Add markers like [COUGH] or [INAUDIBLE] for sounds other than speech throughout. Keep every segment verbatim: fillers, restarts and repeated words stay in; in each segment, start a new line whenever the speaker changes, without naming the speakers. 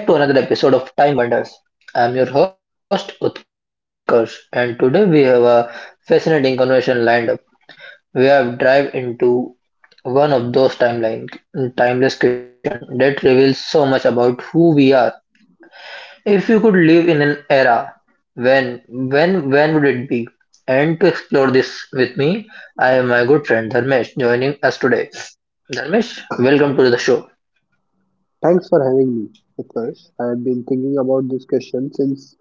Welcome back to another episode of Time Wonders. I'm your host Utkarsh, and today we have a fascinating conversation lined up. We have dive into one of those timeline timeless questions that reveals so much about who we are. If you could live in an era, when when when would it be? And to explore this with me, I have my good friend Dharmesh joining us today. Dharmesh, welcome to the show.
Thanks for having me, Utkarsh. I have been thinking about this question since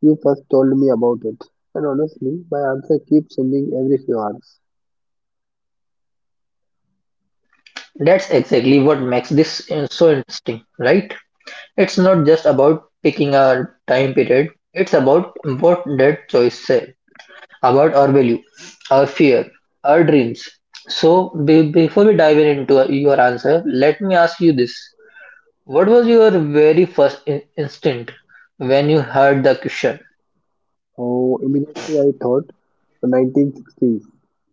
you first told me about it. And honestly, my answer keeps changing every few hours.
That's exactly what makes this uh, so interesting, right? It's not just about picking a time period, it's about what that choice said about our value, our fear, our dreams. So, be- before we dive in into uh, your answer, let me ask you this. What was your very first in- instinct when you heard the question?
So immediately I thought the nineteen sixties,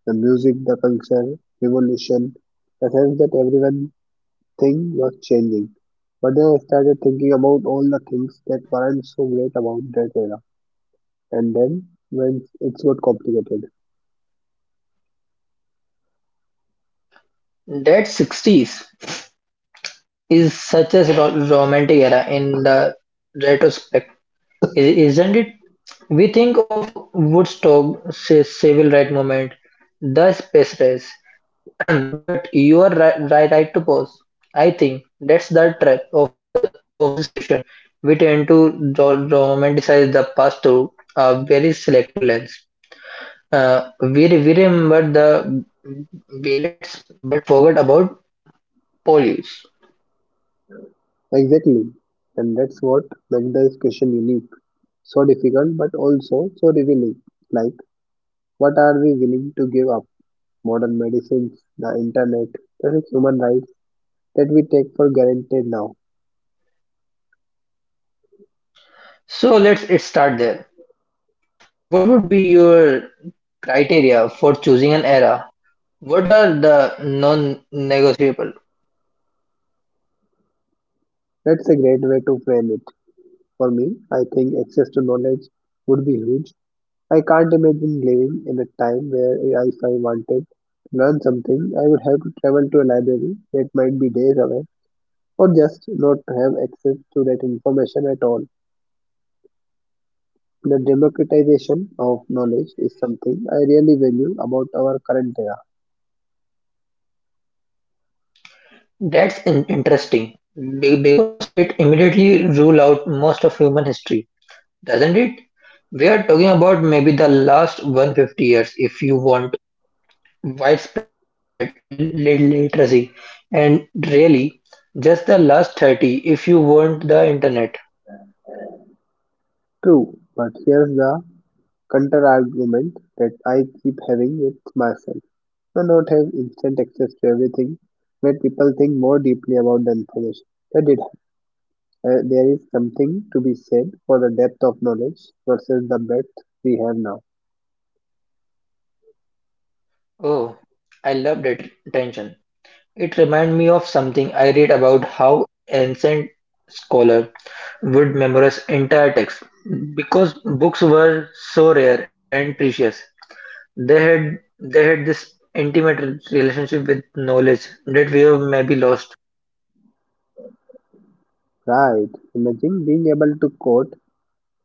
the music, the culture, revolution, the sense that everyone thing was changing. But then I started thinking about all the things that weren't so great about that era. And then when it got complicated.
That sixties is such a ro- romantic era in the retrospect, i- isn't it? We think of Woodstock, say, civil right movement, the space race. [CLEARS THROAT] But you are right, right, right to pause. I think that's the trap of the of this question. We tend to ro- romanticize the past through a very selective lens. Uh, we, re- we remember the billets but forgot about police.
Exactly. And that's what makes the question unique. So difficult, but also so revealing. Like, what are we willing to give up? Modern medicines, the internet, basic human rights that we take for granted now.
So let's it start there. What would be your criteria for choosing an era? What are the non-negotiable?
That's a great way to frame it. For me, I think access to knowledge would be huge. I can't imagine living in a time where I- if I wanted to learn something, I would have to travel to a library that might be days away or just not have access to that information at all. The democratization of knowledge is something I really value about our current era.
That's in- interesting be- because it immediately rule out most of human history. Doesn't it? We are talking about maybe the last one hundred fifty years if you want widespread l- literacy, and really just the last thirty if you want the internet.
True, but here's the counter argument that I keep having with myself. Do not have instant access to everything. Let people think more deeply about the information. That it, uh, there is something to be said for the depth of knowledge versus the breadth we have now.
Oh, I love that tension. It reminds me of something I read about how ancient scholar would memorize entire texts because books were so rare and precious. They had they had this intimate relationship with knowledge that we have maybe lost.
Right. Imagine being able to quote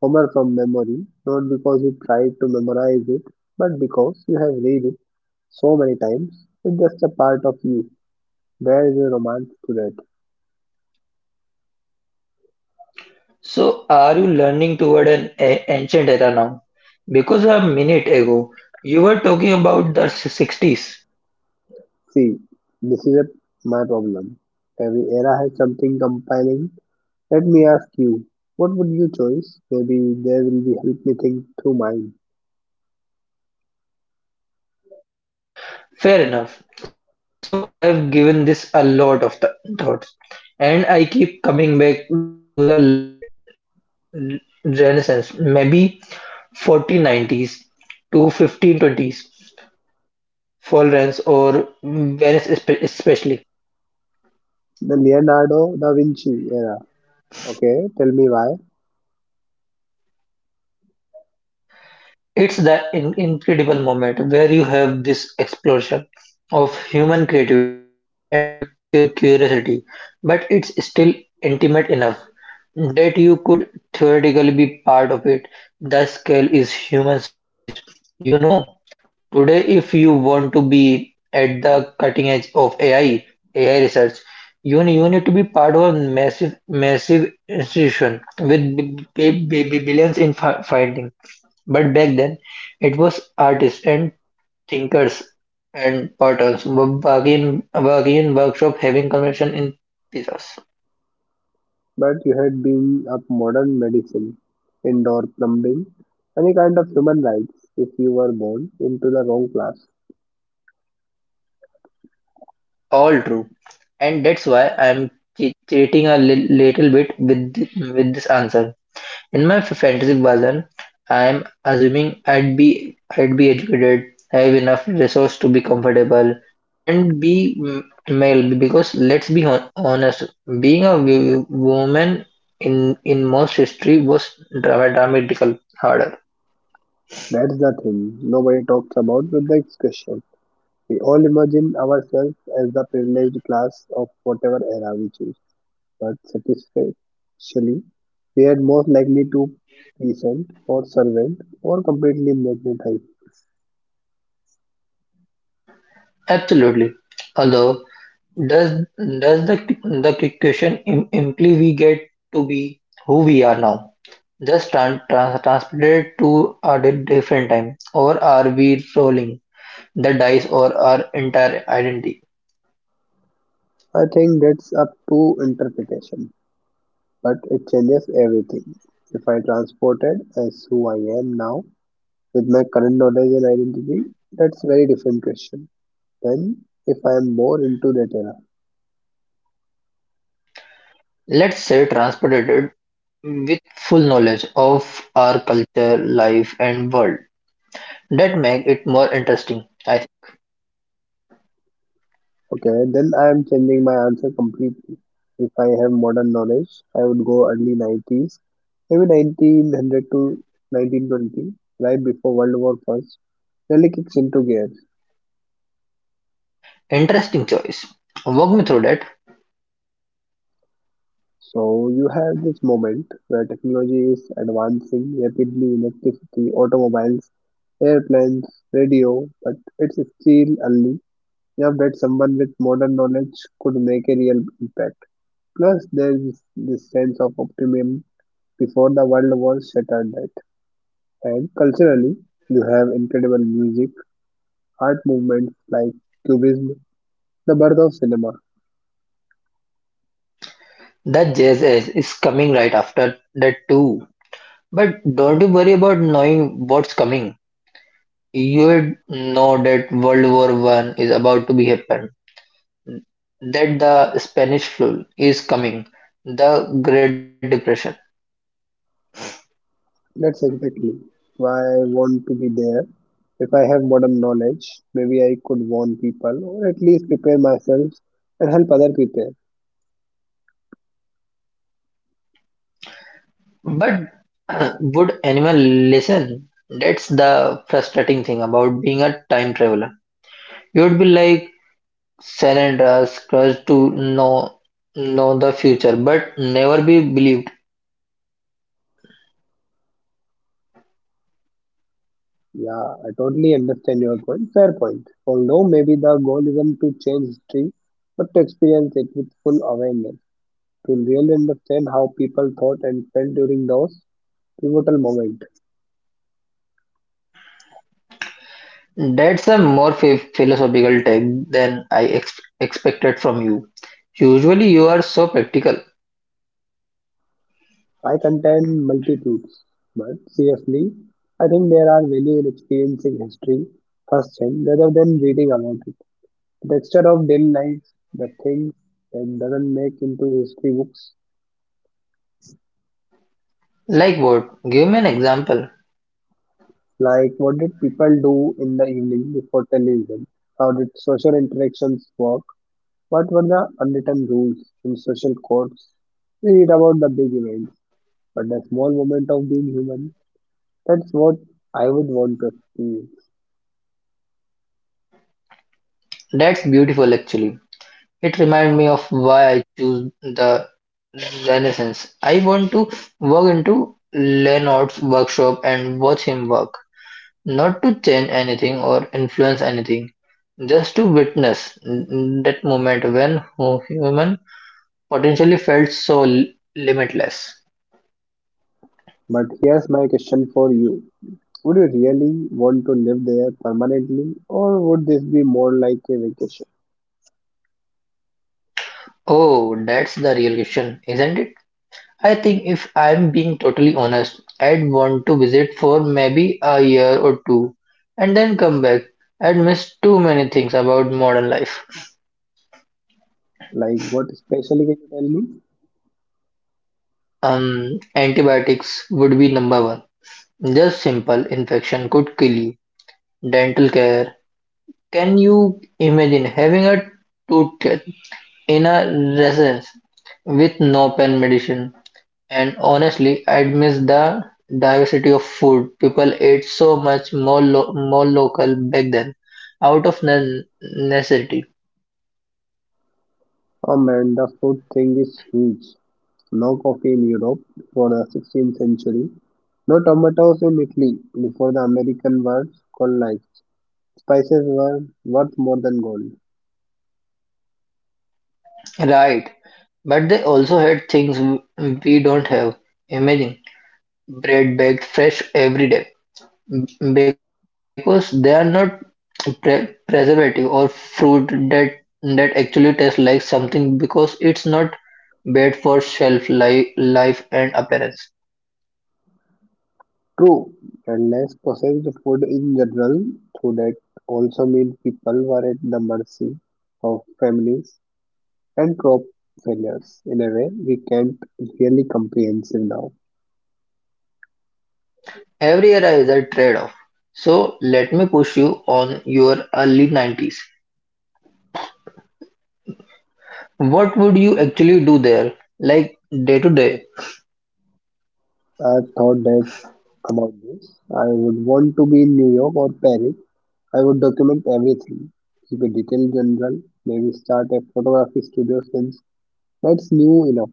Homer from memory, not because you tried to memorize it, but because you have read it so many times. It's just a part of you. Where is the romance to that?
So are you learning toward an a- ancient era now? Because a minute ago you were talking about the s- sixties.
See, this is a, my problem. Every era has something compelling. Let me ask you, what would you choose? Maybe there will be help me think through mine.
Fair enough. So I have given this a lot of th- thought, and I keep coming back to the late Renaissance, maybe fourteen nineties to fifteen twenties, Florence or Venice espe- especially.
The Leonardo da Vinci era. Okay, tell me why.
It's that in- incredible moment where you have this explosion of human creativity and cu- curiosity, but it's still intimate enough that you could theoretically be part of it. The scale is human sized. You know, today, if you want to be at the cutting edge of AI, A I research, you, ne- you need to be part of a massive, massive institution b- b- b- b- billions in fi- findings. But back then, it was artists and thinkers and potters, wo- bargain, bargain workshop having convention in pieces.
But you had been up modern medicine, indoor plumbing, any kind of human rights if you were born into the wrong class.
All true. And that's why I'm che- cheating a li- little bit with, th- with this answer. In my fantasy version, I'm assuming I'd be I'd be educated, have enough resource to be comfortable, and be m- male. Because let's be hon- honest, being a w- woman in in most history was drama- dramatical harder.
That's the thing nobody talks about with the discussion. We all imagine ourselves as the privileged class of whatever era we choose, but satisfactually, we are most likely to peasant or servant or completely magnetized.
Absolutely. Although, does does the the question im- imply we get to be who are now? Just tran- trans- transported to a di- different time, or are we rolling? That dies or our entire identity.
I think that's up to interpretation, but it changes everything. If I transported as who I am now with my current knowledge and identity, that's very different question. Then, if I am more into that era.
Let's say transported with full knowledge of our culture, life, and world. That make it more interesting. I
Okay, then I am changing my answer completely. If I have modern knowledge, I would go early nineties, maybe nineteen hundred to nineteen twenty, right before World War First. Really kicks into gear.
Interesting choice. Walk me through that.
So you have this moment where technology is advancing rapidly, electricity, automobiles, airplanes, radio, but it's still early enough that someone with modern knowledge could make a real impact. Plus, there is this sense of optimism before the world was shattered that. And culturally, you have incredible music, art movements like Cubism, the birth of cinema.
That J S S is coming right after that too. But don't you worry about knowing what's coming. You would know that World War One is about to be happen. That the Spanish flu is coming. The Great Depression.
That's exactly why I want to be there. If I have modern knowledge, maybe I could warn people or at least prepare myself and help other prepare.
But [CLEARS THROAT] would anyone listen? That's the frustrating thing about being a time traveler. You would be like Salandra's crushed to know know the future, but never be believed.
Yeah, I totally understand your point. Fair point. Although maybe the goal isn't to change history, but to experience it with full awareness, to really understand how people thought and felt during those pivotal moment.
That's a more ph- philosophical take than I ex- expected from you. Usually, you are so practical.
I contend multitudes, but seriously, I think there are value in experiencing history firsthand rather than reading about it. The texture of daily life, the things that doesn't make into history books,
Like what? Give me an example.
like what did people do in the evening before television, how did social interactions work, what were the unwritten rules and social codes. We read about the big events, but the small moment of being human, that's what I would want to experience.
That's beautiful, actually. It reminded me of why I chose the Renaissance. I want to walk into Leonard's workshop and watch him work, not to change anything or influence anything, just to witness that moment when human potentially felt so limitless.
But here's my question for you. Would you really want to live there permanently, or would this be more like a vacation?
Oh, that's the real question, isn't it? I think if I'm being totally honest, I'd want to visit for maybe a year or two and then come back. I'd miss too many things about modern life.
Like, what especially can you tell me?
Um, antibiotics would be number one. Just simple infection could kill you. Dental care. Can you imagine having a tooth cut in a residence with no pain medicine? And honestly, I'd miss the diversity of food. People ate so much more lo- more local back then, out of ne- necessity.
Oh man, the food thing is huge. No coffee in Europe before the sixteenth century, no tomatoes in Italy before the American were colonized. Spices were worth more than gold.
Right. But they also had things w- we don't have. Imagine bread baked fresh every day m- because they are not pre- preservative or fruit that that actually tastes like something because it's not bad for shelf life, life and appearance.
True, and less processed food in general, through that also mean people were at the mercy of families and crop failures in a way we can't really comprehensive now.
Every era is a trade-off, so let me push you on your early nineties. What would you actually do there, like day to day?
I thought that about this. I would want to be in New York or Paris. I would document everything, keep a detailed journal, maybe start a photography studio since that's new enough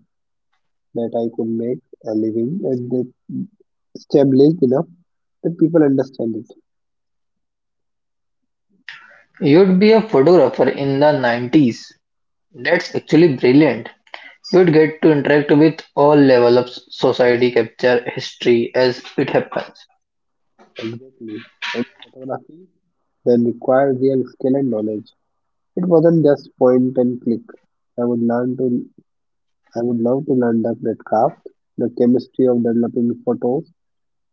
that I could make a living and that established enough that people understand it.
You'd be a photographer in the nineties. That's actually brilliant. You'd get to interact with all levels of society, capture history as it happens.
Exactly. And photography then required real skill and knowledge. It wasn't just point and click. I would learn to I would love to learn the breadcraft, the chemistry of developing photos,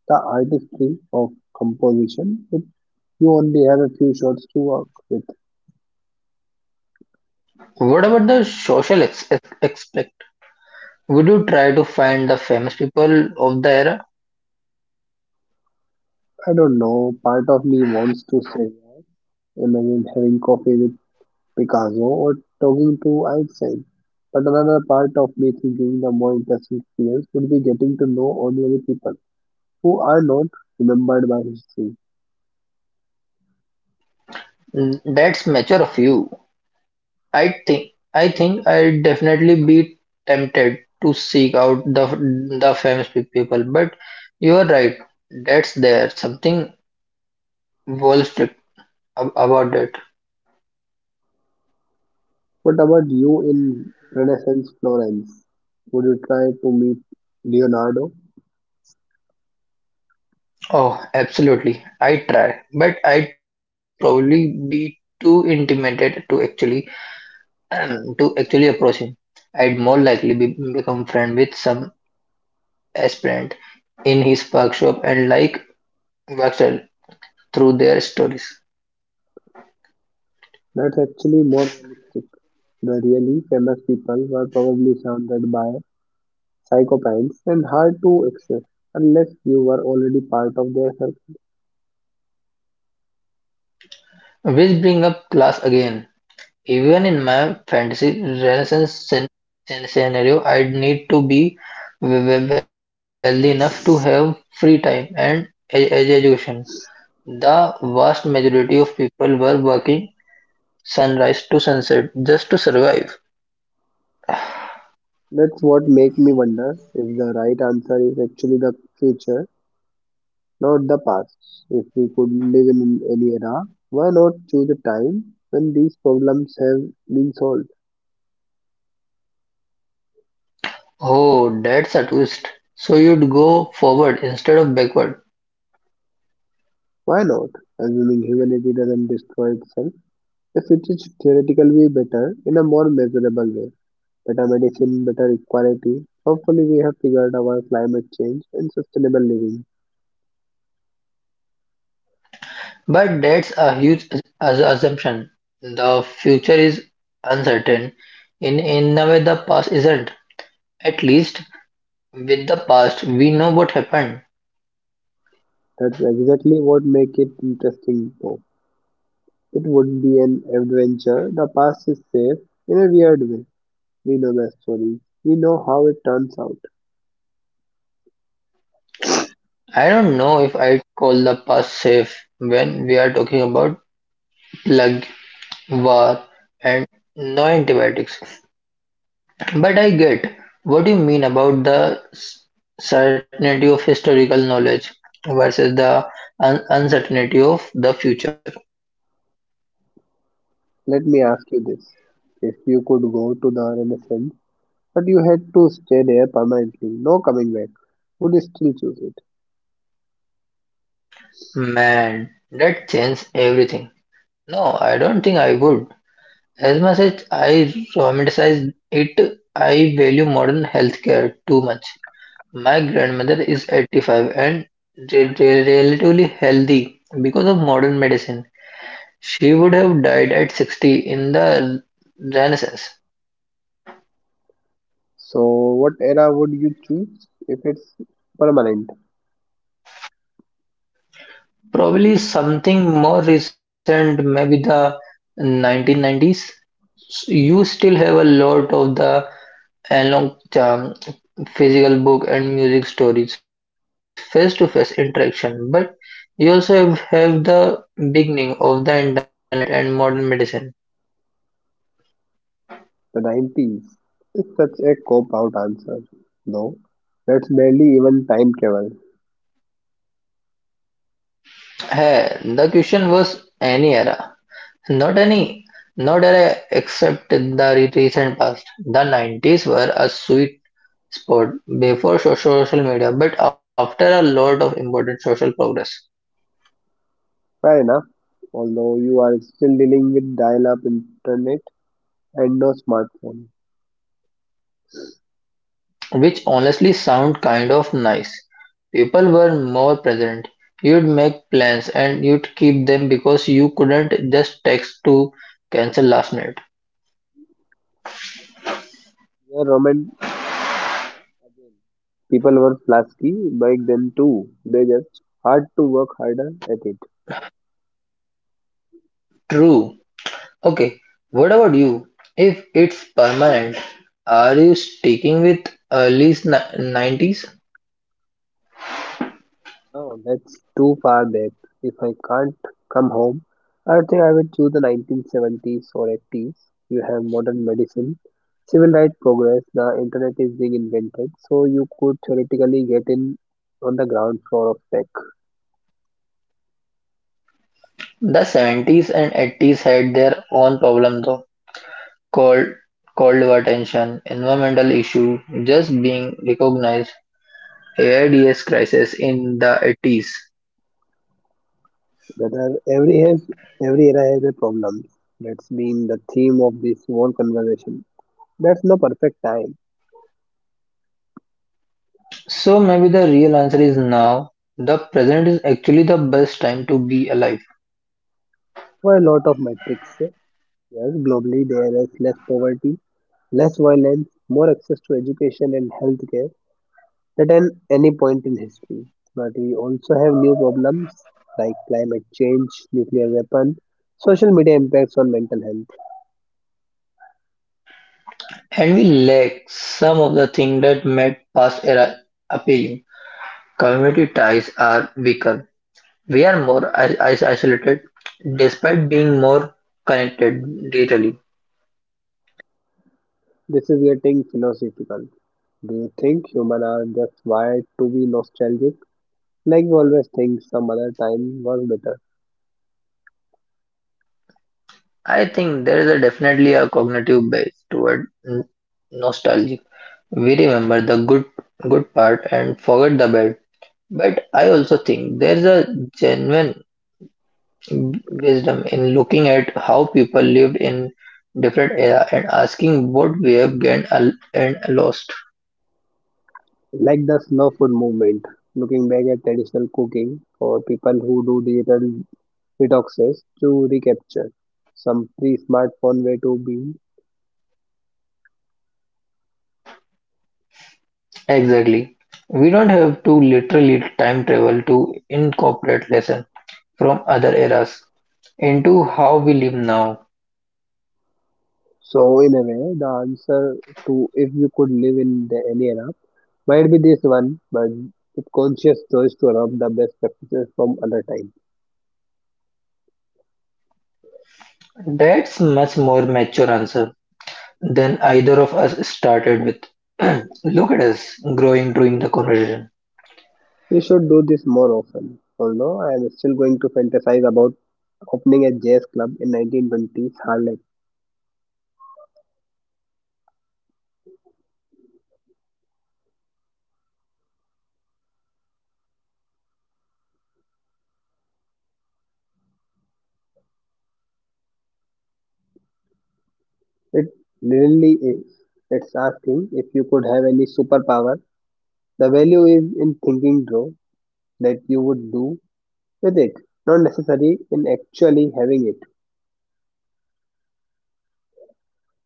the artistry of composition, if you only have a few shots to work with.
What about the social ex- aspect? Would you try to find the famous people of the era?
I don't know, part of me wants to say, yes. Imagine having coffee with Picasso or talking to Einstein. But another part of me thinking the more interesting experience would be getting to know ordinary people who are not remembered by history.
Mm, that's mature of you. I think I think I'd definitely be tempted to seek out the the famous pe- people, but you are right. That's there something strict about it.
What about you in Renaissance Florence? Would you try to meet Leonardo?
Oh, absolutely. I try, but I'd probably be too intimidated to actually [CLEARS THROAT] to actually approach him. I'd more likely be, become friend with some aspirant in his workshop and like workshop through their stories,
That's actually more realistic. The really famous people were probably surrounded by psychopaths and hard to access unless you were already part of their circle.
which bring up class again. Even in my fantasy Renaissance scen- scen- scenario, I'd need to be we- we- wealthy enough to have free time and e- e- education. The vast majority of people were working sunrise to sunset just to survive.
That's what makes me wonder if the right answer is actually the future, not the past. If we could live in any era, why not choose a time when these problems have been solved?
Oh, that's a twist. So you'd go forward instead of backward.
Why not? Assuming humanity doesn't destroy itself, the future should theoretically be better in a more measurable way. Better medicine, better equality. Hopefully, we have figured our climate change and sustainable living.
But that's a huge as- assumption. The future is uncertain. In in a way, the past isn't. At least with the past, we know what happened.
That's exactly what makes it interesting, though. It would be an adventure. The past is safe in a weird way. We know the story. We know how it turns out.
I don't know if I'd call the past safe when we are talking about plague, war, and no antibiotics. But I get what you mean about the s- certainty of historical knowledge versus the un- uncertainty of the future.
Let me ask you this: if you could go to the Renaissance, but you had to stay there permanently, no coming back, would you still choose it?
Man, that changes everything. No, I don't think I would. As much as I romanticize it, I value modern healthcare too much. My grandmother is eighty-five and re- re- relatively healthy because of modern medicine. She would have died at sixty in the Renaissance.
So, what era would you choose if it's permanent?
Probably something more recent, maybe the nineteen nineties. You still have a lot of the analog um, physical book and music stories, face-to-face interaction, but you also have, have the beginning of the internet and modern medicine.
The nineties is such a cop out answer, though. That's barely even time travel.
Hey, the question was any era. Not any, not era except the re- recent past. The nineties were a sweet spot before so- social media, but after a lot of important social progress,
Fair enough, although you are still dealing with dial up internet and no smartphone.
which honestly sound kind of nice. People were more present. You'd make plans and you'd keep them because you couldn't just text to cancel last minute.
You are romanticizing again. People were flasky back then too, they just had to work harder at it.
True. Okay, what about you? If it's permanent, are you sticking with early nineties?
No, that's too far back. If I can't come home, I think I would choose the nineteen seventies or eighties. You have modern medicine, civil rights progress, the internet is being invented, so you could theoretically get in on the ground floor of tech.
The seventies and eighties had their own problem though, called cold war tension, environmental issue just being recognized, AIDS crisis in the eighties.
Whether every has every era has a problem. That's been the theme of this whole conversation. That's no perfect time
So maybe the real answer is now. The present is actually the best time to be alive,
for a lot of metrics. Yes, globally there is less poverty, less violence, more access to education and healthcare, at an, any point in history. But we also have new problems like climate change, nuclear weapon, social media impacts on mental health.
and we lack some of the things that made past era appealing. Community ties are weaker; we are more I- is isolated, despite being more connected digitally.
This is getting philosophical. Do you think humans are just wired to be nostalgic? Like we always think some other time was better.
I think there is a definitely a cognitive bias toward n- nostalgia. We remember the good good part and forget the bad. But I also think there is a genuine wisdom in looking at how people lived in different era and asking what we have gained al- and lost.
Like the slow food movement, looking back at traditional cooking for people who do digital detoxes to recapture some pre smartphone way to be.
Exactly. We don't have to literally time travel to incorporate lessons from other eras into how we live now.
So in a way, the answer to if you could live in the, any era might be this one, but with conscious choice to adopt the best practices from other time.
That's much more mature answer than either of us started with. [CLEARS THROAT] Look at us growing during the conversation.
We should do this more often. Although I am still going to fantasize about opening a jazz club in nineteen twenties Harlem.
And I'm still going to daydream about di- discussing art with Renaissance pa- painters. The fantasy is is part of the fun.
It really is. It's asking if you could have any superpower. The value is in thinking, though, that you would do with it, not necessarily in actually having it.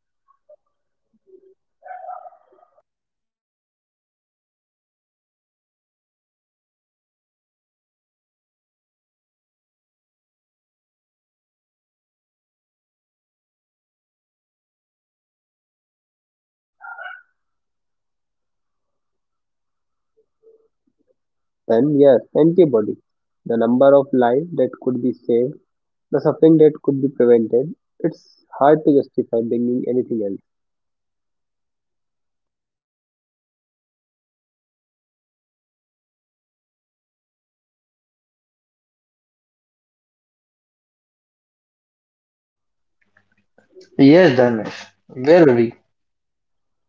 Well said. Be- Before we wrap up, let's let me ask you one more question. If you could bring one modern thing back to your cho-
And yes, antibody, the number of lives that could be saved, the suffering that could be prevented, it's hard to justify bringing anything else.
Yes, Dharmesh, very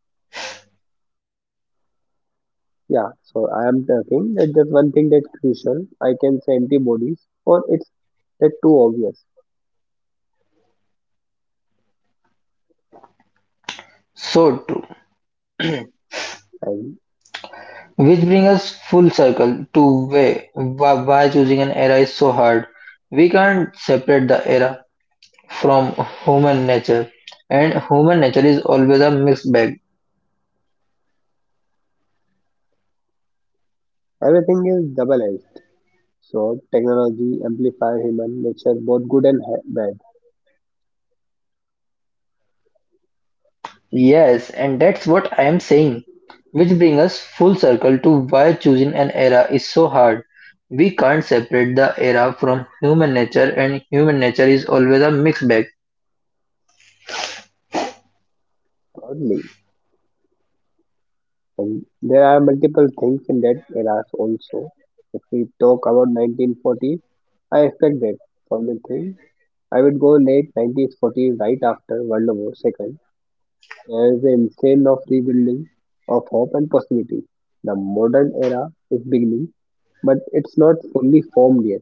Yeah, so I am talking that just one thing that's crucial, I can say antibodies, or it's that too obvious.
so true.
And
Which brings us full circle to where, wh- why choosing an era is so hard. We can't separate the era from human nature, and human nature is always a mixed bag.
everything is double-edged. So technology amplifies human nature, both good and ha- bad,
Yes, and that's what I am saying. Which brings us full circle to why choosing an era is so hard. We can't separate the era from human nature, and human nature is always a mixed bag.
only. And there are multiple things in that era also. If we talk about nineteen forty, I expect that from the thing I would go late nineteen forties, right after World War two, as the insane of rebuilding of hope and possibility. The modern era is beginning, but it's not fully formed yet.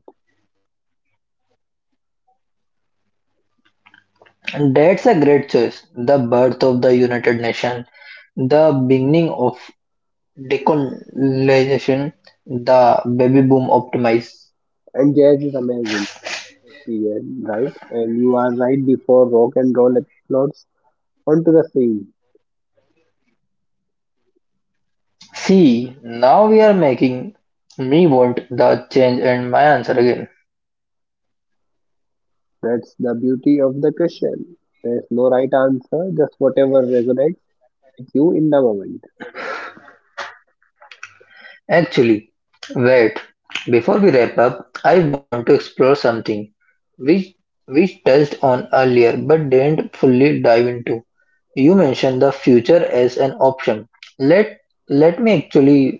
That's a great choice. The birth of the United Nations, the beginning of decolonization, the baby boom optimize.
And jazz is amazing, period, right? And you are right before rock and roll explodes onto the scene.
See, now we are making me want the change and my answer again.
That's the beauty of the question. There's no right answer, just whatever resonates with you in the moment.
Actually, wait. Before we wrap up, I want to explore something which we touched on earlier but didn't fully dive into. You mentioned the future as an option. Let Let me actually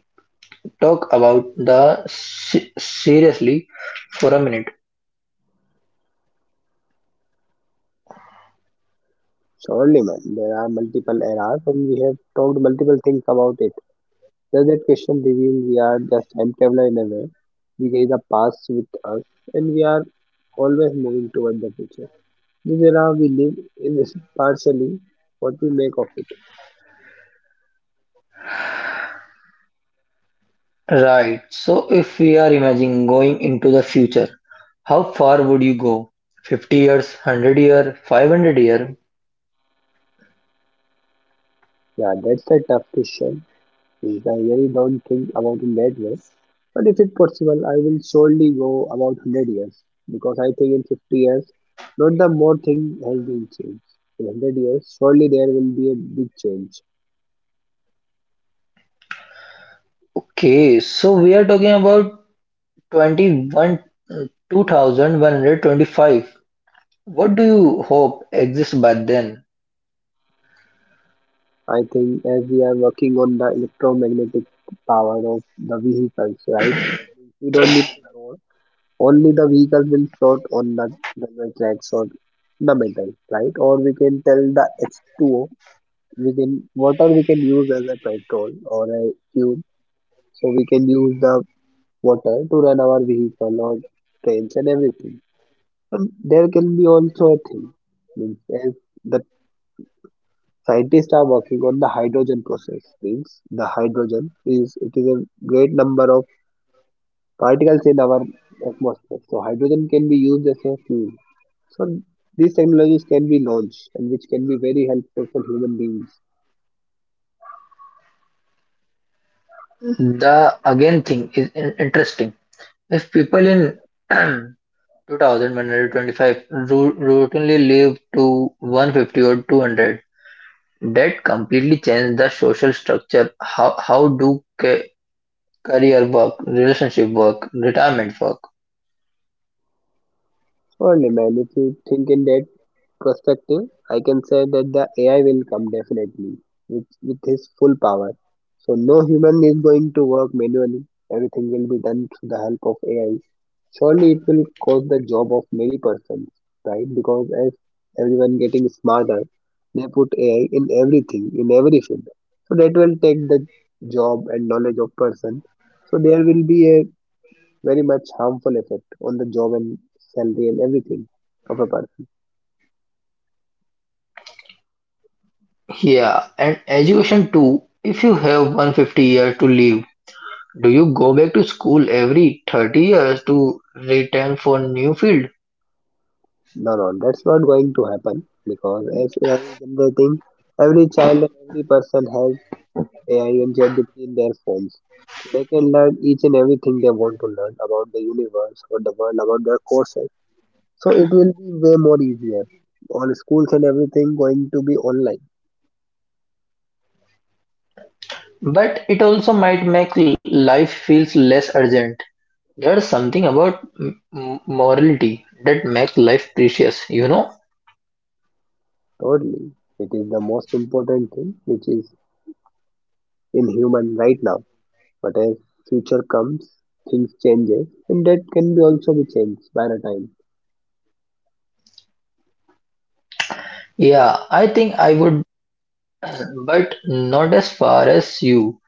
talk about the se- seriously for a minute.
Surely, man, there are multiple eras, and we have talked multiple things about it. Does that question reveal we are just time traveler in a way? We carry the past with us, and we are always moving toward the future. This era we live in is partially what we make of it.
Right. So if we are imagining going into the future, how far would you go? fifty years, one hundred year, five hundred year?
Yeah, that's a tough question. Since I really don't think about it that way. But if it's possible, I will surely go about one hundred years because I think in fifty years, not the more thing has been changed. In one hundred years, surely there will be a big change.
Okay, so we are talking about twenty-one twenty one twenty-five. What do you hope exists by then?
I think as we are working on the electromagnetic power of the vehicles, right? We don't need the road. Only the vehicle will float on the railway tracks or the metal, right? Or we can tell the H two O. We can water we can use as a petrol or a fuel. So we can use the water to run our vehicle or trains and everything. And there can be also a thing means as the Scientists are working on the hydrogen process. Means the hydrogen is it is a great number of particles in our atmosphere. So hydrogen can be used as a fuel. So these technologies can be launched and which can be very helpful for human beings.
The again thing is in- interesting. If people in [CLEARS THROAT] two thousand one hundred twenty-five ru- routinely live to one fifty or two hundred. That completely changed the social structure. How how do ca- career work, relationship work, retirement work?
So and humanity think in that perspective, I can say that the A I will come definitely with, with his full power. So no human is going to work manually. Everything will be done through the help of A I. Surely it will cause the job of many persons, right? Because as everyone getting smarter, they put A I in everything, in every field. So that will take the job and knowledge of person. So there will be a very much harmful effect on the job and salary and everything of a person.
Yeah, and education too. If you have one hundred fifty years to live, do you go back to school every thirty years to return for new field?
No, no, that's not going to happen because as A I is generating, every child and every person has A I and ChatGPT in their phones. So they can learn each and everything they want to learn about the universe, about the world, about their courses. So it will be way more easier. All schools and everything going to be online.
But it also might make life feels less urgent. There's something about m- m- morality that makes life precious, you know?
Totally. It is the most important thing which is in human right now. But as future comes, things changes and that can be also be changed by the time.
Yeah, I think I would, but not as far as you.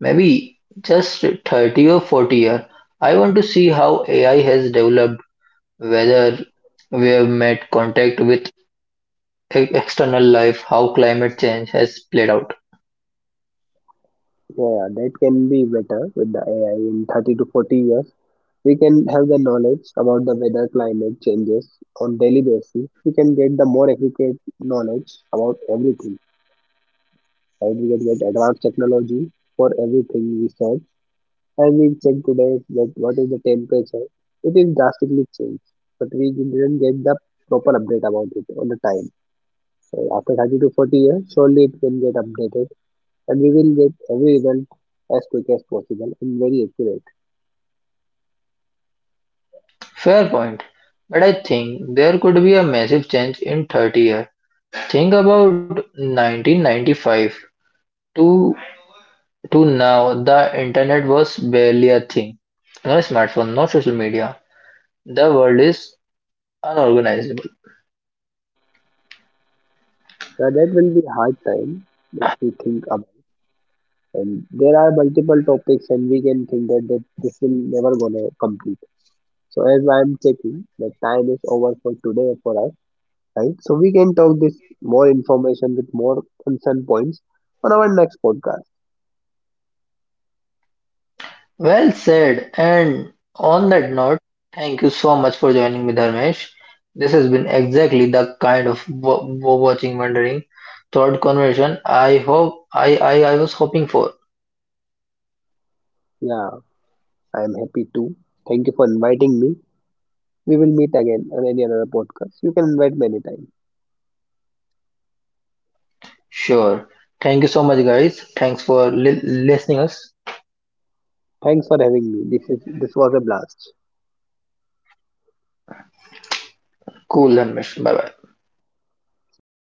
Maybe just thirty or forty year. I want to see how A I has developed, whether we have made contact with e- external life, how climate change has played out.
Yeah, that can be better with the A I in thirty to forty years. We can have the knowledge about the weather climate changes on daily basis. We can get the more accurate knowledge about everything. Right? We can get advanced technology for everything we search. As we check today that what is the temperature, it is drastically changed. But we didn't get the proper update about it on the time. So after thirty to forty years, surely it can get updated and we will get every result as quick as possible and very accurate.
Fair point. But I think there could be a massive change in thirty years. Think about nineteen ninety-five to to now the internet was barely a thing. No smartphone, no social media. The world is unorganizable.
Yeah, that will be hard time if we think about, and there are multiple topics and we can think that, that this will never gonna complete. So as I am checking, the time is over for today for us, right? So we can talk this more information with more concern points on our next podcast.
Well said. And on that note, thank you so much for joining me, Dharmesh. This has been exactly the kind of wo- wo- watching, wondering, thought conversation I hope I, I I was hoping for.
Yeah, I am happy too. Thank you for inviting me. We will meet again on any another podcast. You can invite many times.
Sure. Thank you so much, guys. Thanks for li- listening us.
Thanks for having me. This is this was a blast.
Cool, Dharmesh. Bye bye.
See you.